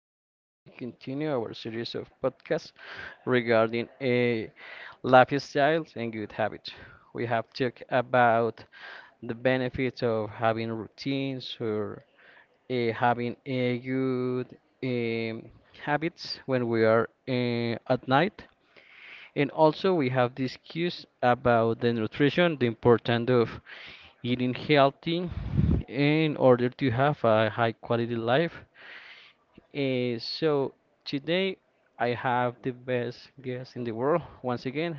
today we're going to continue our series of podcasts regarding a lifestyle and good habits. We have talked about the benefits of having routines or having a good um, habits when we are at night. And also we have this cues about the nutrition, the importance of eating healthy in order to have a high quality life. So today I have the best guest in the world once again,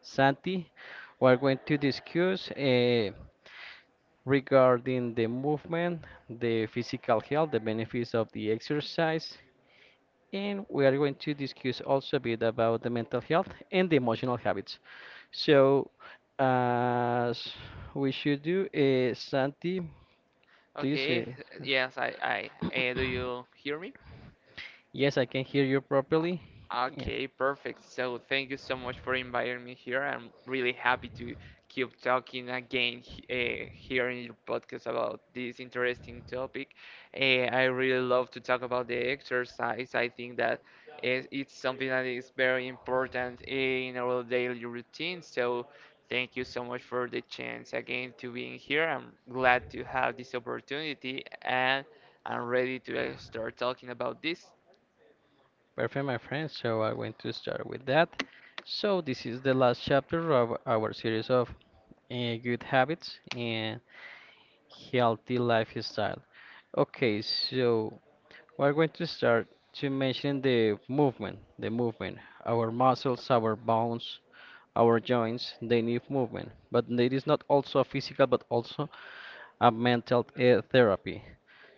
Santi. We're going to discuss regarding the movement, the physical health, the benefits of the exercise, and we are going to discuss also a bit about the mental health and the emotional habits. So, as we should do, Santi, please. Okay. Uh, Yes, I, do you hear me? yes, I can hear you properly. Yeah. Okay, perfect. So thank you so much for inviting me here. I'm really happy to keep talking again here in your podcast about this interesting topic. I really love to talk about the exercise. I think that it's something that is very important in our daily routine. So thank you so much for the chance again to being here. I'm glad to have this opportunity and I'm ready to start talking about this. Perfect, my friend. So I'm going to start with that. So this is the last chapter of our series of good habits and healthy lifestyle. Okay, so we're going to start to mention the movement. Our muscles, our bones, our joints, they need movement. But it is not also a physical but also a mental therapy.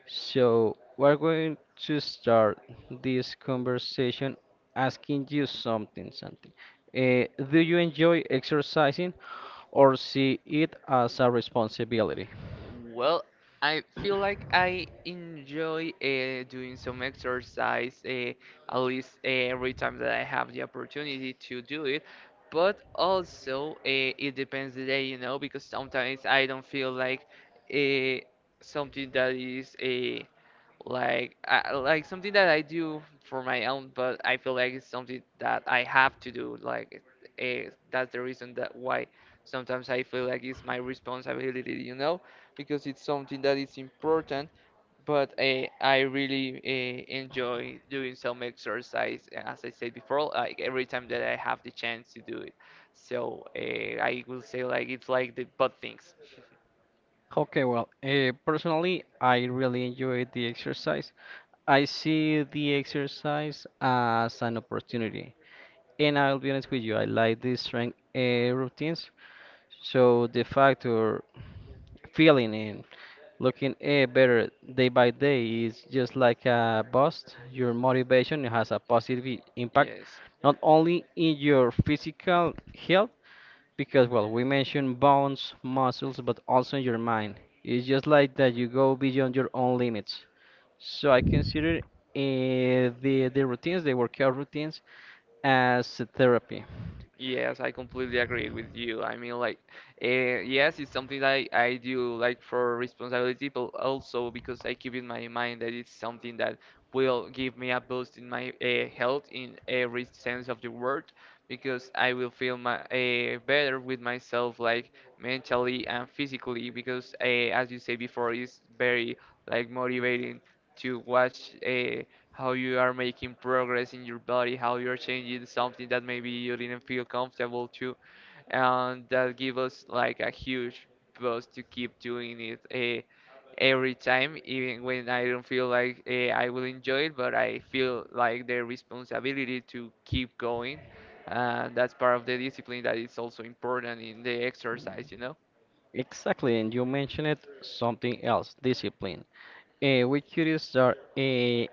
So we're going to start this conversation asking you something. Do you enjoy exercising or see it as a responsibility? Well, I feel like I enjoy doing some exercise at least every time that I have the opportunity to do it. But also, it depends the day, you know, because sometimes I don't feel like uh, something that is like like something that I do for my own, but I feel like it's something that I have to do. Like that's the reason that why sometimes I feel like it's my responsibility, you know, because it's something that is important. But I really enjoy doing some exercise, as I said before, like every time that I have the chance to do it. So I will say like it's like the butt things. Okay, well, personally, I really enjoy the exercise. I see the exercise as an opportunity. And I'll be honest with you, I like these strength routines. So the factor feeling and looking better day by day is just like a boost. Your motivation has a positive i- Y- impact Yes. not only in your physical health, because well, we mentioned bones, muscles, but also your mind. It's just like that you go beyond your own limits. So I consider the workout routines as a therapy. Yes, I completely agree with you. I mean, like, uh, yes, it's something that I do like for responsibility, but also because I keep in my mind that it's something that will give me a boost in my health in every sense of the word, because I will feel my better with myself, like mentally and physically, because as you say before, it's very like motivating to watch. How you are making progress in your body, how you're changing something that maybe you didn't feel comfortable to, and that give us like a huge boost to keep doing it every time, even when I don't feel like I will enjoy it, but I feel like the responsibility to keep going, and that's part of the discipline that is also important in the exercise, you know. Exactly. And you mentioned it something else: discipline. We could start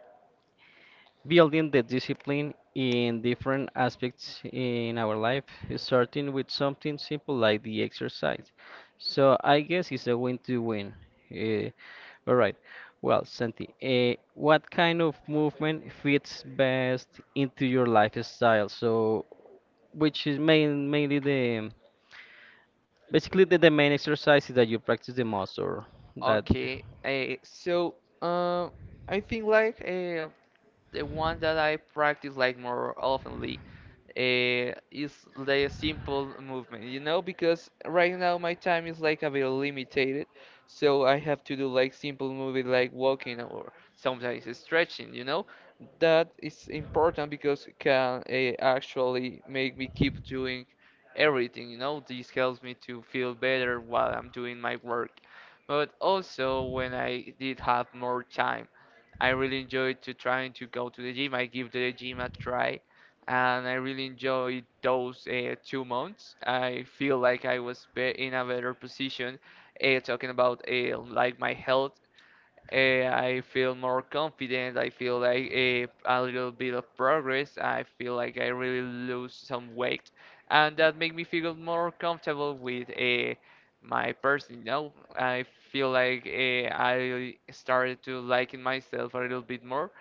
building the discipline in different aspects in our life, starting with something simple like the exercise. So I guess it's a win to win. Uh, all right. Well, Santi, what kind of movement fits best into your lifestyle? So, which is mainly the basically the main exercises that you practice the most, or that? Okay, so uh, I think like. The one that I practice like more oftenly is the simple movement, you know, because right now my time is like a bit limited, so I have to do like simple movement like walking or sometimes stretching, you know. That is important because it can actually make me keep doing everything, you know. This helps me to feel better while I'm doing my work. But also when I did have more time I really enjoy to trying to go to the gym. I give the gym a try, and I really enjoy those 2 months. I feel like I was be in a better position, talking about like my health. I feel more confident. I feel like a little bit of progress. I feel like I really lose some weight, and that make me feel more comfortable with my person. You know, I feel like I started to liking myself a little bit more,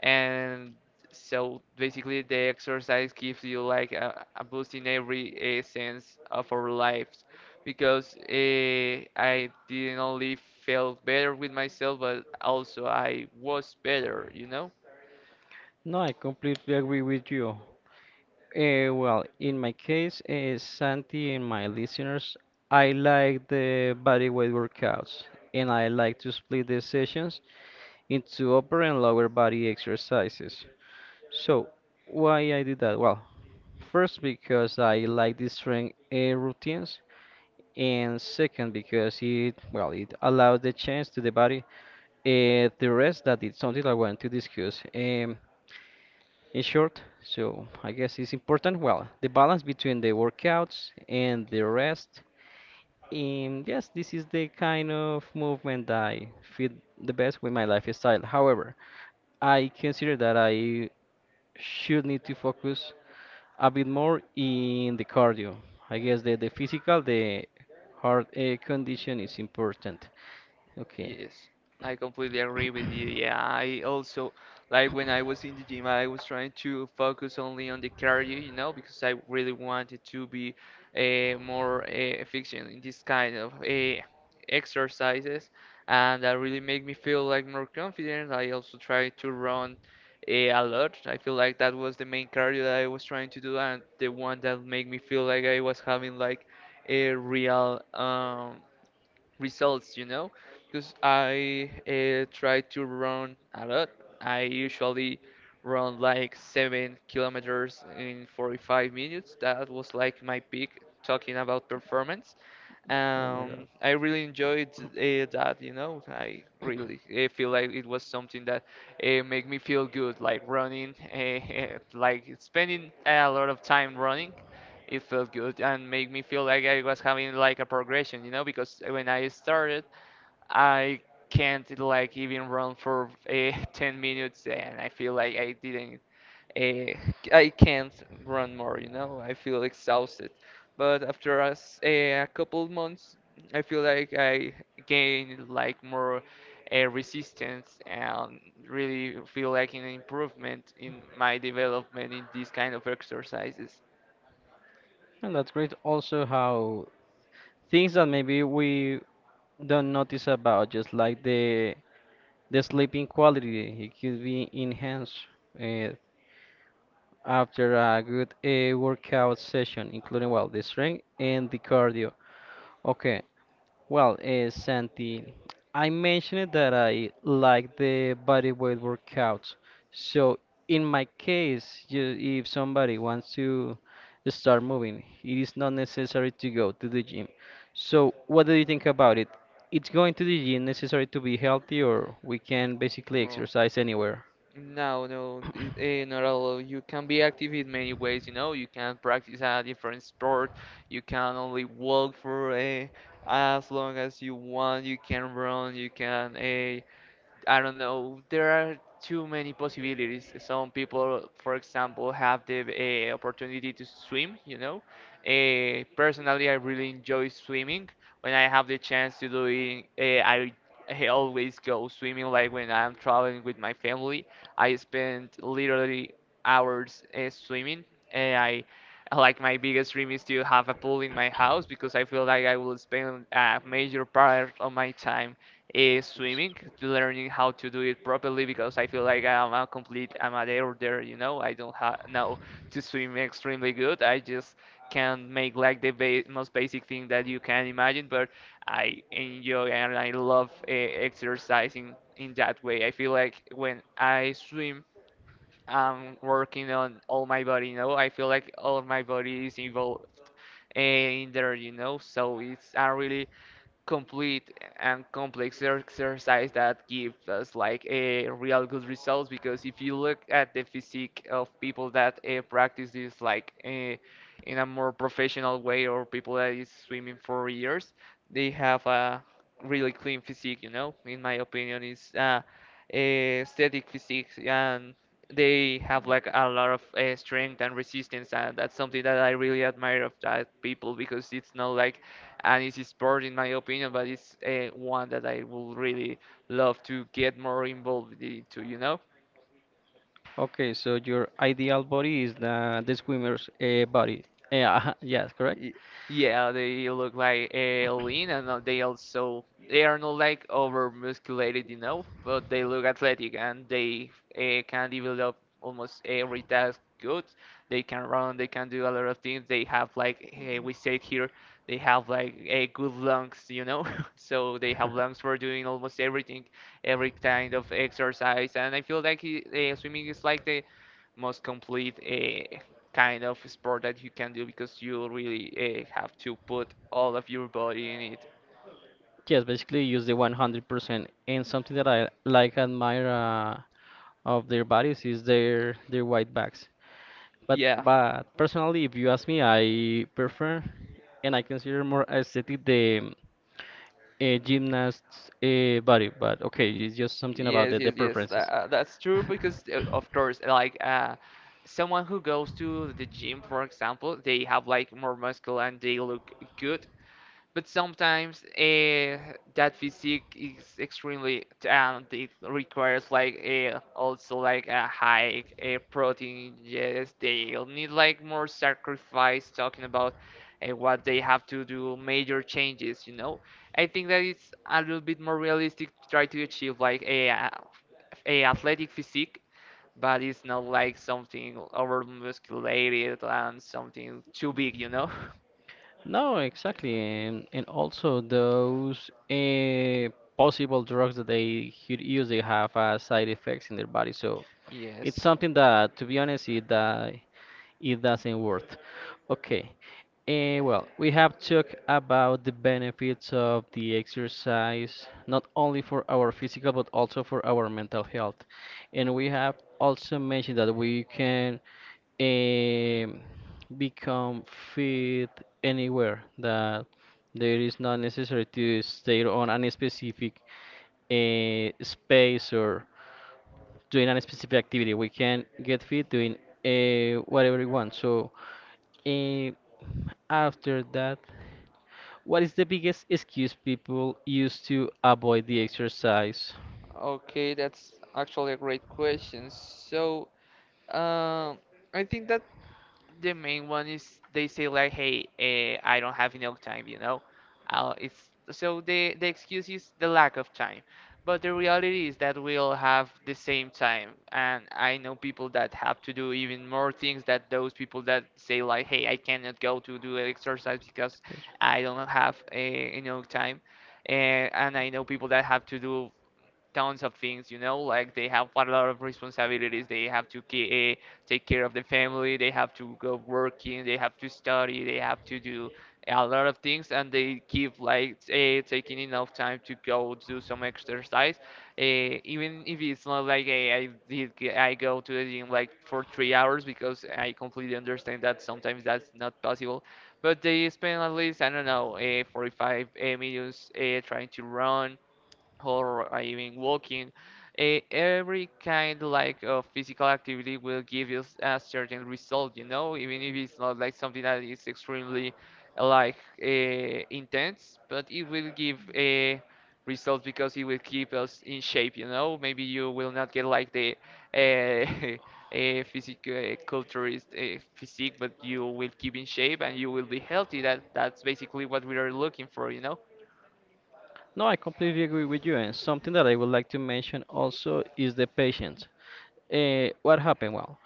and so basically the exercise gives you like a boost in every sense of our lives because I didn't only felt better with myself but also I was better, you know. No, I completely agree with you. Well, in my case, Santi and my listeners, I like the body weight workouts and I like to split the sessions into upper and lower body exercises. So, why I did that? Well, first because I like the strength routines, and second because it well it allows the chance to the body, the rest that is something I want to discuss. In short, so I guess it's important. Well, the balance between the workouts and the rest. And yes, this is the kind of movement that I fit the best with my lifestyle. However, I consider that I should need to focus a bit more in the cardio. I guess the physical, the heart condition is important. Okay. Yes, I completely agree with you. Yeah, I also like when I was in the gym, I was trying to focus only on the cardio, you know, because I really wanted to be more efficient in this kind of exercises, and that really made me feel like more confident. I also tried to run a lot. I feel like that was the main cardio that I was trying to do, and the one that made me feel like I was having like a real results, you know, because I try to run a lot. I usually run like 7 kilometers in 45 minutes. That was like my peak talking about performance. Oh my Um, god. I really enjoyed that, you know. I really feel like it was something that made me feel good, like running, like spending a lot of time running. It felt good and made me feel like I was having like a progression, you know, because when I started, I can't like even run for 10 minutes and I feel like I didn't I can't run more, you know. I feel exhausted. But after us a couple months, I feel like I gained like more resistance and really feel like an improvement in my development in these kind of exercises. And that's great also how things that maybe we don't notice, about just like the sleeping quality, it could be enhanced uh, after a good workout session, including well the strength and the cardio. Okay, well, Santi, I mentioned that I like the body weight workouts. So in my case, if somebody wants to start moving, it is not necessary to go to the gym. So what do you think about it? It's going to the gym necessary to be healthy, or we can basically Mm. exercise anywhere? No, no, it- eh, not you can be active in many ways, you know. You can practice a different sport. You can only walk for as long as you want. You can run. You can I don't know. There are too many possibilities. Some people, for example, have the opportunity to swim, you know. Personally, I really enjoy swimming. When I have the chance to do it, I always go swimming. Like when I'm traveling with my family, I spend literally hours swimming. And I like my biggest dream is to have a pool in my house because I feel like I will spend a major part of my time is swimming, learning how to do it properly because I feel like I'm a complete amateur there, you know. I don't ha know to swim extremely good. I just can make like the ba most basic thing that you can imagine, but I enjoy and I love exercising in that way. I feel like when I swim, I'm working on all my body, you know. I feel like all my body is involved in there, you know. So it's a really complete and complex exercise that gives us like a real good results because if you look at the physique of people that practice this like in a more professional way or people that is swimming for years, they have a really clean physique, you know. In my opinion is a static physique, and they have like a lot of strength and resistance, and that's something that I really admire of that people because it's not like, and it's a sport in my opinion, but it's one that I would really love to get more involved into, you know? Okay, so your ideal body is the swimmer's body. Yeah, yes, correct. Y- Yeah, they look like lean, and they also they are not like over musculated, you know, but they look athletic and they can develop almost every task good. They can run, they can do a lot of things. They have like we said here, they have like a good lungs, you know, so they have lungs for doing almost everything, every kind of exercise. And I feel like swimming is like the most complete kind of sport that you can do because you really have to put all of your body in it. Yes, basically use the 100%. And something that I like admire of their bodies is their white backs. But Yeah. but personally, if you ask me, I prefer and I consider more aesthetic the gymnast's body. But okay, it's just something about Yes, the yes, yes. tha- preferences. uh, That's true because, of course, like someone who goes to the gym, for example, they have like more muscle and they look good. But sometimes that physique is extremely and it requires like also like a high protein, yes, they'll need like more sacrifice talking about what they have to do major changes, you know. I think that it's a little bit more realistic to try to achieve like a athletic physique, but it's not like something over musculated and something too big, you know. No, exactly, and also those possible drugs that they could use, they have side effects in their body. So it's Yes. something that, to be honest, it doesn't worth. Okay, well, we have talked about the benefits of the exercise, not only for our physical but also for our mental health, and we have also mentioned that we can um, become fit anywhere, that there is not necessary to stay on any specific space or doing any specific activity. We can get fit doing whatever we want. So uh, after that, what is the biggest excuse people use to avoid the exercise? Okay, that's actually a great question. So, um, I think that the main one is they say like, "Hey, I don't have enough time," you know. It's so the excuse is the lack of time, but the reality is that we all have the same time, and I know people that have to do even more things that those people that say like, "Hey, I cannot go to do exercise because Patient. I don't have enough time," and I know people that have to do tons of things, you know, like they have a lot of responsibilities. They have to take care of the family, they have to go working, they have to study, they have to do a lot of things, and they keep like taking enough time to go do some exercise, even if it's not like I I go to the gym like for 3 hours, because I completely understand that sometimes that's not possible, but they spend at least, I don't know, 45 minutes trying to run or even walking. Every kind like of physical activity will give you a certain result, you know, even if it's not like something that is extremely uh, like uh, intense, but it will give a results because it will keep us in shape, you know. Maybe you will not get like the uh, a physical culturist physique, but you will keep in shape and you will be healthy. That's basically what we are looking for, you know. No, I completely agree with you. And something that I would like to mention also is the patience. What happened? Well,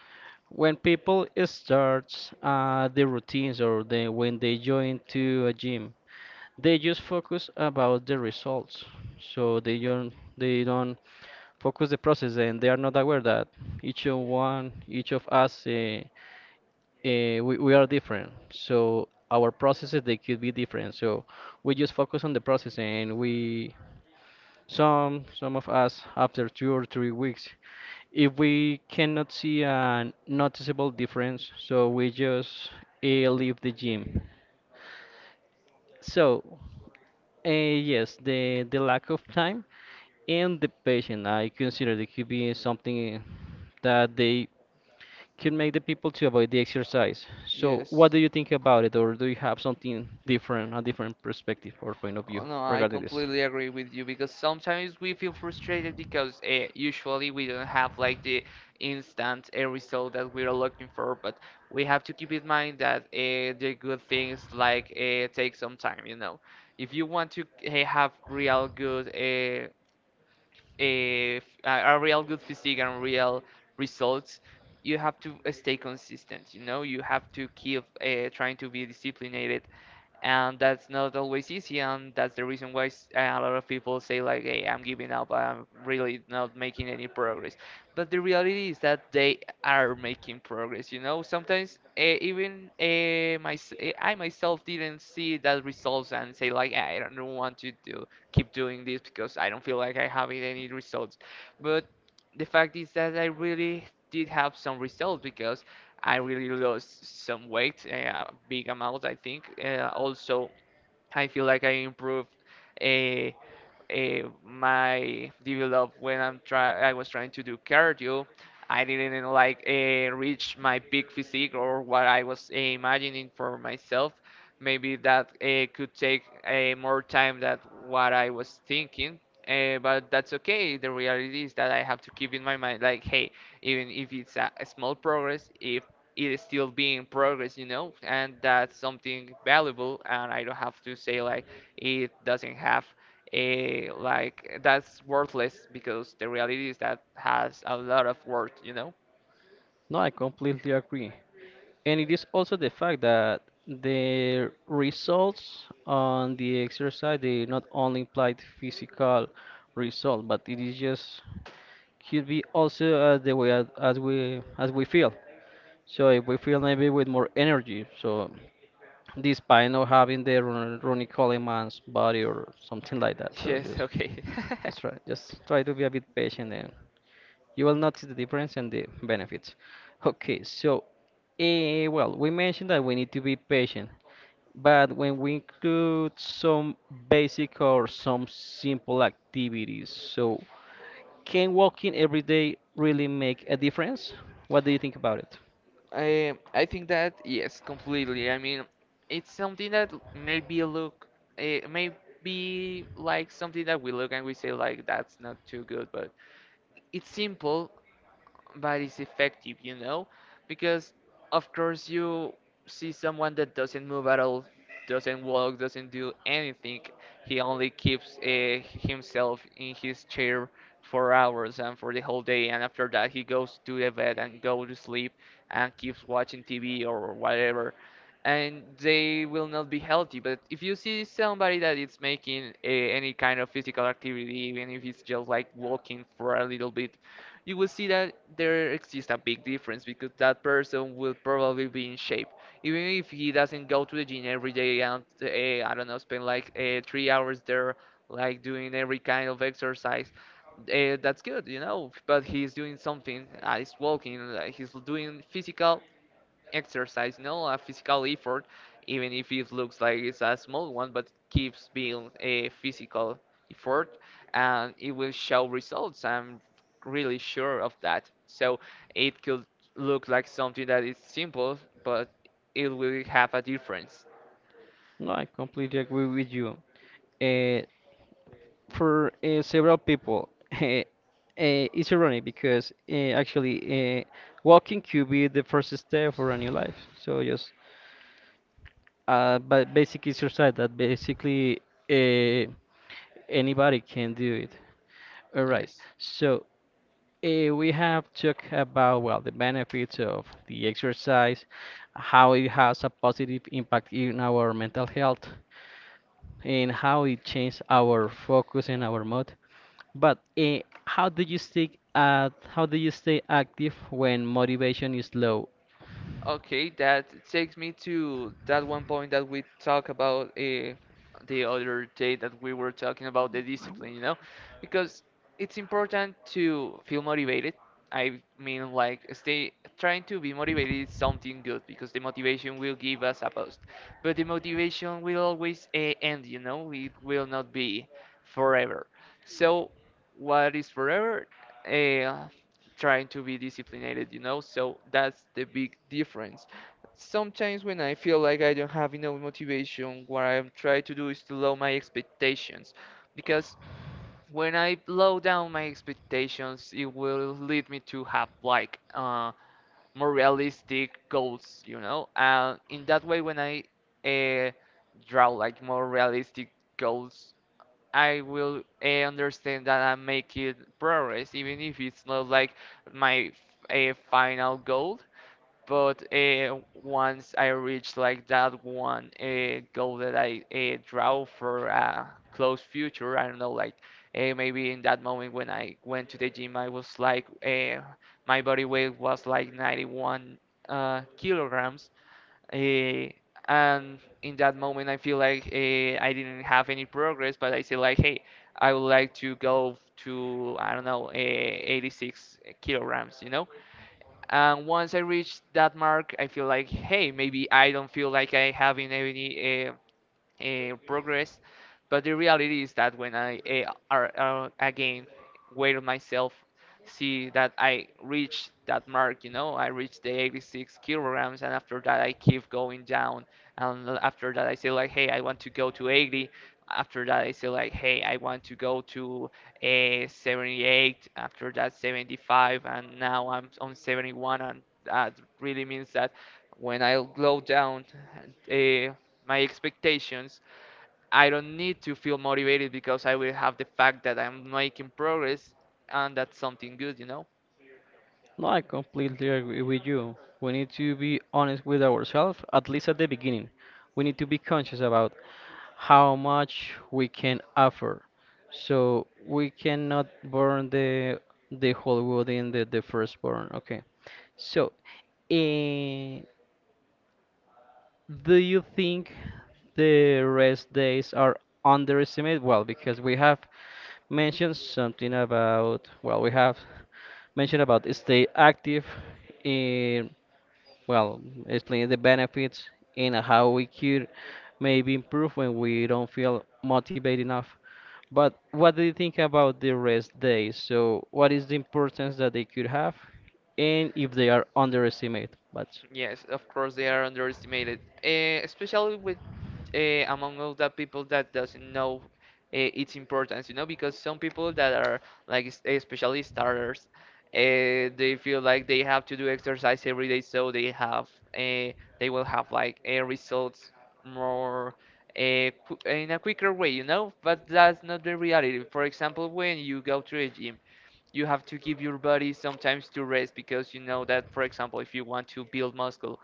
when people start the routines, when they join to a gym, they just focus about the results, so they don't focus the process, and they are not aware that each of us we are different, so our processes they could be different. So we just focus on the process, and we some of us, after 2 or 3 weeks, if we cannot see a noticeable difference, so we just leave the gym. So yes, the lack of time and the patient I consider it could be something that they could make the people to avoid the exercise. So Yes. what do you think about it, or do you have something different, a different perspective or point of Oh, view no, I regarding this? completely agree with you, because sometimes we feel frustrated because usually we don't have like the instant result that we are looking for, but we have to keep in mind that the good things like take some time, you know. If you want to have real good a real good physique and real results, you have to stay consistent, you know. You have to keep trying to be disciplined, and that's not always easy, and that's the reason why a lot of people say like, "Hey, I'm giving up, I'm really not making any progress," but the reality is that they are making progress, you know. Sometimes I myself didn't see that results and say like, "I don't want to do keep doing this because I don't feel like I have any results," but the fact is that I really did have some results, because I really lost some weight, a big amount, I think. Also, I feel like I improved. Uh, my develop, when I'm try I was trying to do cardio. I didn't like reach my peak physique or what I was imagining for myself. Maybe that could take more time than what I was thinking. But that's okay. The reality is that I have to keep in my mind, like, hey, even if it's a small progress, if it is still being progress, you know, and that's something valuable. And I don't have to say like it doesn't have like that's worthless, because the reality is that has a lot of worth, you know? No, I completely agree. And it is also the fact that the results on the exercise they not only imply the physical result, but it is just could be also as the way as we feel. So if we feel maybe with more energy, so despite not having the Ronnie Coleman's body or something like that. So Yes, just okay. just try just try to be a bit patient and you will notice the difference and the benefits. Okay, so well, we mentioned that we need to be patient, but when we include some basic or some simple activities, so can walking every day really make a difference? What do you think about it? I think that yes, completely. I mean, it's something that maybe look, it may be like something that we look and we say like that's not too good, but it's simple but it's effective, you know? Because, of course, you see someone that doesn't move at all, doesn't walk, doesn't do anything. He only keeps himself in his chair for hours and for the whole day, and after that, he goes to the bed and go to sleep and keeps watching TV or whatever. And they will not be healthy. But if you see somebody that is making any kind of physical activity, even if it's just like walking for a little bit, you will see that there exists a big difference because that person will probably be in shape. Even if he doesn't go to the gym every day and I don't know, spend like 3 hours there, like doing every kind of exercise, that's good, you know. But he's doing something. He's walking. He's doing physical exercise, no, a physical effort, even if it looks like it's a small one, but keeps being a physical effort, and it will show results. I'm really sure of that. So it could look like something that is simple, but it will have a difference. No, I completely agree with you. Uh, for several people. It's ironic because actually walking could be the first step for a new life. So just, but basic exercise that basically, uh, anybody can do it. All right. Yes. So we have talked about well the benefits of the exercise, how it has a positive impact in our mental health, and how it changes our focus and our mood. But how do you stick at how do you stay active when motivation is low? Okay, that takes me to that one point that we talk about the other day, that we were talking about the discipline, you know, because it's important to feel motivated. I mean, like, stay trying to be motivated is something good because the motivation will give us a boost, but the motivation will always end, you know, it will not be forever. So, what is forever? Uh, Trying to be disciplined, you know? So that's the big difference. Sometimes when I feel like I don't have enough motivation, what I'm trying to do is to lower my expectations. Because when I low down my expectations, it will lead me to have like more realistic goals, you know? And in that way, when I uh, draw like more realistic goals, I will understand that I'm making progress, even if it's not like my a final goal. But once I reach like that one goal that I draw for a close future, I don't know, like, maybe in that moment when I went to the gym, I was like, my body weight was like 91 kilograms. Eh, and in that moment, I feel like I didn't have any progress, but I say like, hey, I would like to go to, I don't know, 86 kilograms, you know? And once I reach that mark, I feel like, hey, maybe I don't feel like I having any progress. But the reality is that when I are again weigh myself, see that I reach that mark, you know, I reach the 86 kilograms, and after that I keep going down, and after that I say like, hey, I want to go to 80. After that I say like, hey, I want to go to a 78. After that 75, and now I'm on 71, and that really means that when I go down, uh, my expectations. I don't need to feel motivated because I will have the fact that I'm making progress, and that's something good, you know? No, I completely agree with you. We need to be honest with ourselves, at least at the beginning. We need to be conscious about how much we can offer. So we cannot burn the whole wood in the first burn. Okay. So, uh, Do you think the rest days are underestimated? Well, because we have mentioned something about, well, we have mentioned about stay active in, well, explaining the benefits and how we could maybe improve when we don't feel motivated enough. But what do you think about the rest days? So, what is the importance that they could have, and if they are underestimated? But Yes, of course they are underestimated, especially with among all the people that doesn't know its importance, you know, because some people that are like especially starters, they feel like they have to do exercise every day, so they have eh, they will have like results more eh, qu in a quicker way, you know. But that's not the reality. For example, when you go to a gym, you have to give your body sometimes to rest, because you know that, for example, if you want to build muscle,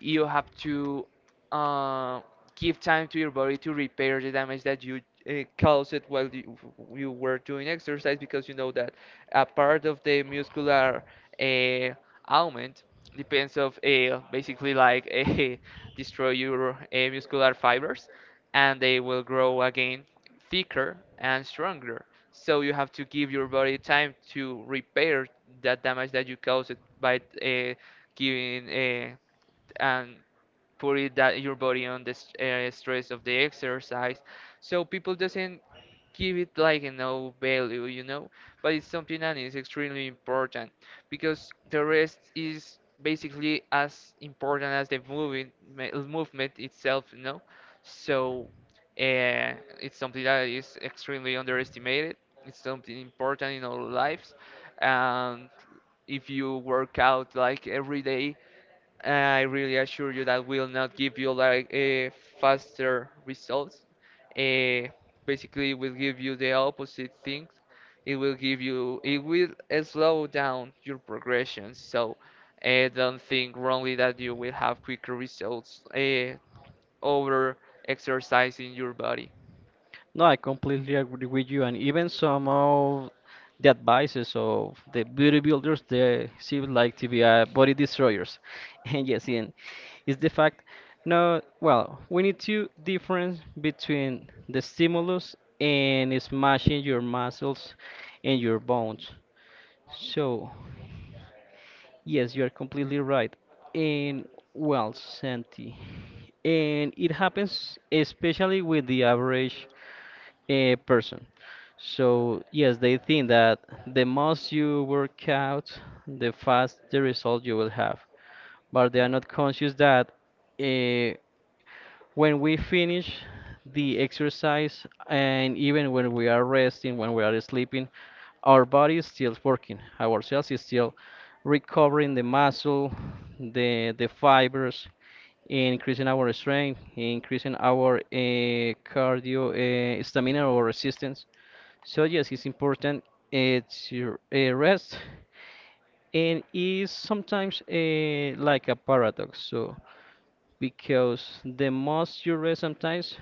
you have to uh, give time to your body to repair the damage that you caused it while you were doing exercise, because you know that a part of the muscular uh, augment depends of basically like destroy your muscular fibers, and they will grow again thicker and stronger, so you have to give your body time to repair that damage that you caused it by giving and put it that your body on the stress of the exercise. So people doesn't give it like a no value, you know. But it's something that is extremely important, because the rest is basically as important as the movement itself, you know. So it's something that is extremely underestimated. It's something important in our lives, and if you work out like every day, I really assure you that will not give you like a faster results. Uh, basically, it will give you the opposite thing. It will give you, it will slow down your progression. So, don't think wrongly that you will have quicker results over exercising your body. no, I completely agree with you, and even some of the advices of the beauty builders, they seem like to be body destroyers. And yes, and it's the fact. No, well, we need to difference between the stimulus and smashing your muscles and your bones. So, yes, you are completely right. And well, Santi, and it happens especially with the average a person. So yes, they think that the most you work out, the fast the result you will have. But they are Yeah. not conscious that uh, when we finish the exercise and even when we are resting, when we are sleeping, our body is still working. Our cells is still recovering the muscle, the fibers, increasing our strength, increasing our cardio stamina or resistance. So yes, it's important uh, to rest, and it's sometimes like a paradox. So because the most you rest, sometimes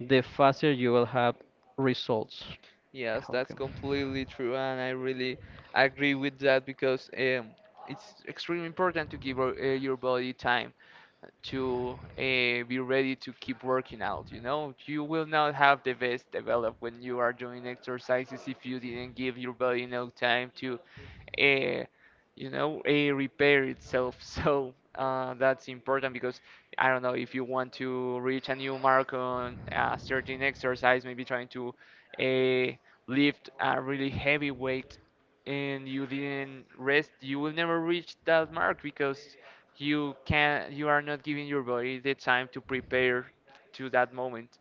the faster you will have results. Yes, that's Okay. completely true, and I really agree with that because it's extremely important to give your body time to be ready to keep working out. You know, you will not have the best developed when you are doing exercises if you didn't give your body enough time to, uh, repair itself. So that's important because I don't know if you want to reach a new mark on a certain exercise, maybe trying to uh, lift a really heavy weight and you didn't rest, you will never reach that mark because you are not giving your body the time to prepare to that moment.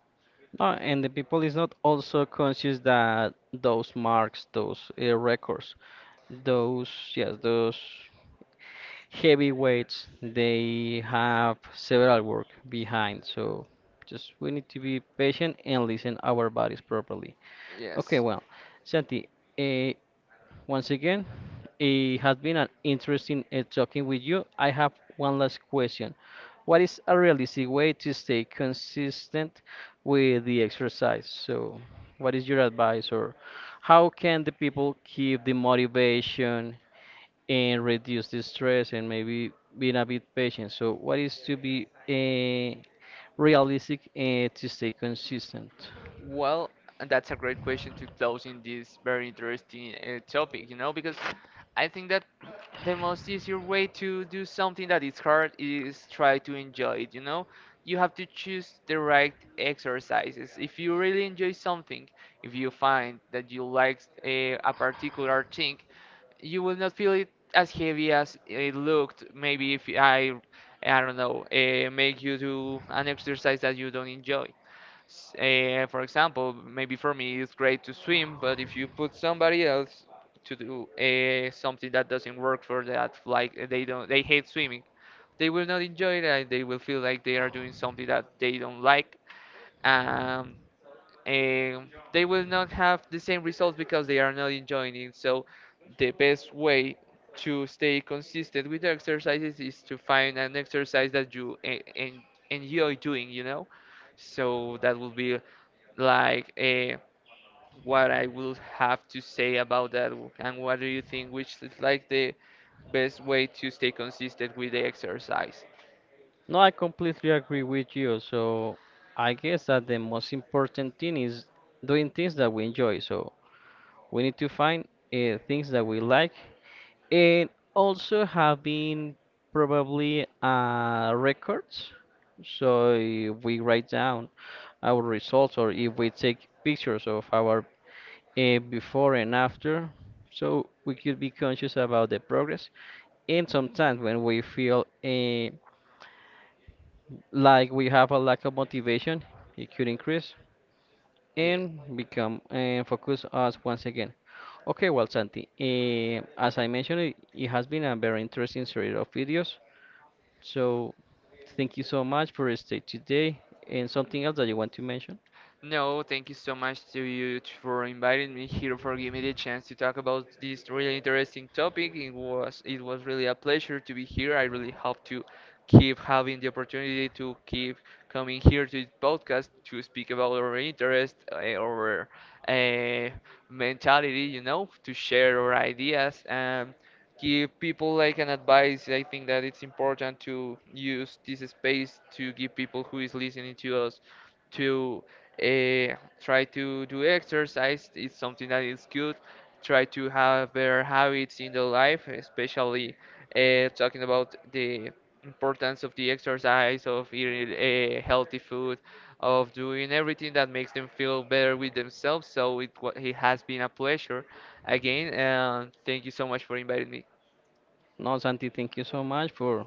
And the people is not also conscious that those marks, those records, those, yes, those heavyweights, they have several work behind. So just we need to be patient and listen our bodies properly. Okay, Yes. well, Santi, uh, once again, it has been an interesting talking with you. I have one last question. What is a realistic way to stay consistent with the exercise? So, what is your advice, or how can the people keep the motivation and reduce the stress and maybe being a bit patient? So, what is to be realistic to stay consistent? Well, and that's a great question to close in this very interesting topic, you know, because I think that the most easier way to do something that is hard is try to enjoy it, you know? You have to choose the right exercises. If you really enjoy something, if you find that you like a particular thing, you will not feel it as heavy as it looked. Maybe if I, I don't know, make you do an exercise that you don't enjoy. For example, maybe for me it's great to swim, but if you put somebody else to do something that doesn't work for that, like they don't, they hate swimming, they will not enjoy it. And they will feel like they are doing something that they don't like. Um, um, they will not have the same results because they are not enjoying it. So, the best way to stay consistent with the exercises is to find an exercise that you enjoy doing, you know? So, that will be like what I will have to say about that. And what do you think? Which is like the best way to stay consistent with the exercise? No, I completely agree with you. So I guess that the most important thing is doing things that we enjoy. So we need to find things that we like, and also having probably records. So if we write down our results, or if we take pictures of our before and after, so we could be conscious about the progress. And sometimes when we feel like we have a lack of motivation, it could increase and Yes. become and focus us once again. Okay, well, Santi, as I mentioned, it has been a very interesting series of videos. So, thank you so much for stay today. And something else that you want to mention? No, thank you so much to you for inviting me here, for giving me the chance to talk about this really interesting topic. It was really a pleasure to be here. I really hope to keep having the opportunity to keep coming here to this podcast to speak about our interest, our uh, mentality, you know, to share our ideas and give people like an advice. I think that it's important to use this space to give people who is listening to us to try to do exercise, it's something that is good. Try to have better habits in the life, especially talking about the importance of the exercise, of eating healthy food, of doing everything that makes them feel better with themselves. So it has been a pleasure again, and thank you so much for inviting me. No, Santi, thank you so much for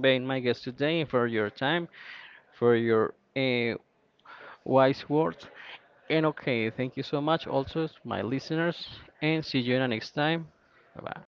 being my guest today and for your time, for your wise words. And okay, thank you so much also, my listeners, and see you in the next time. Bye bye.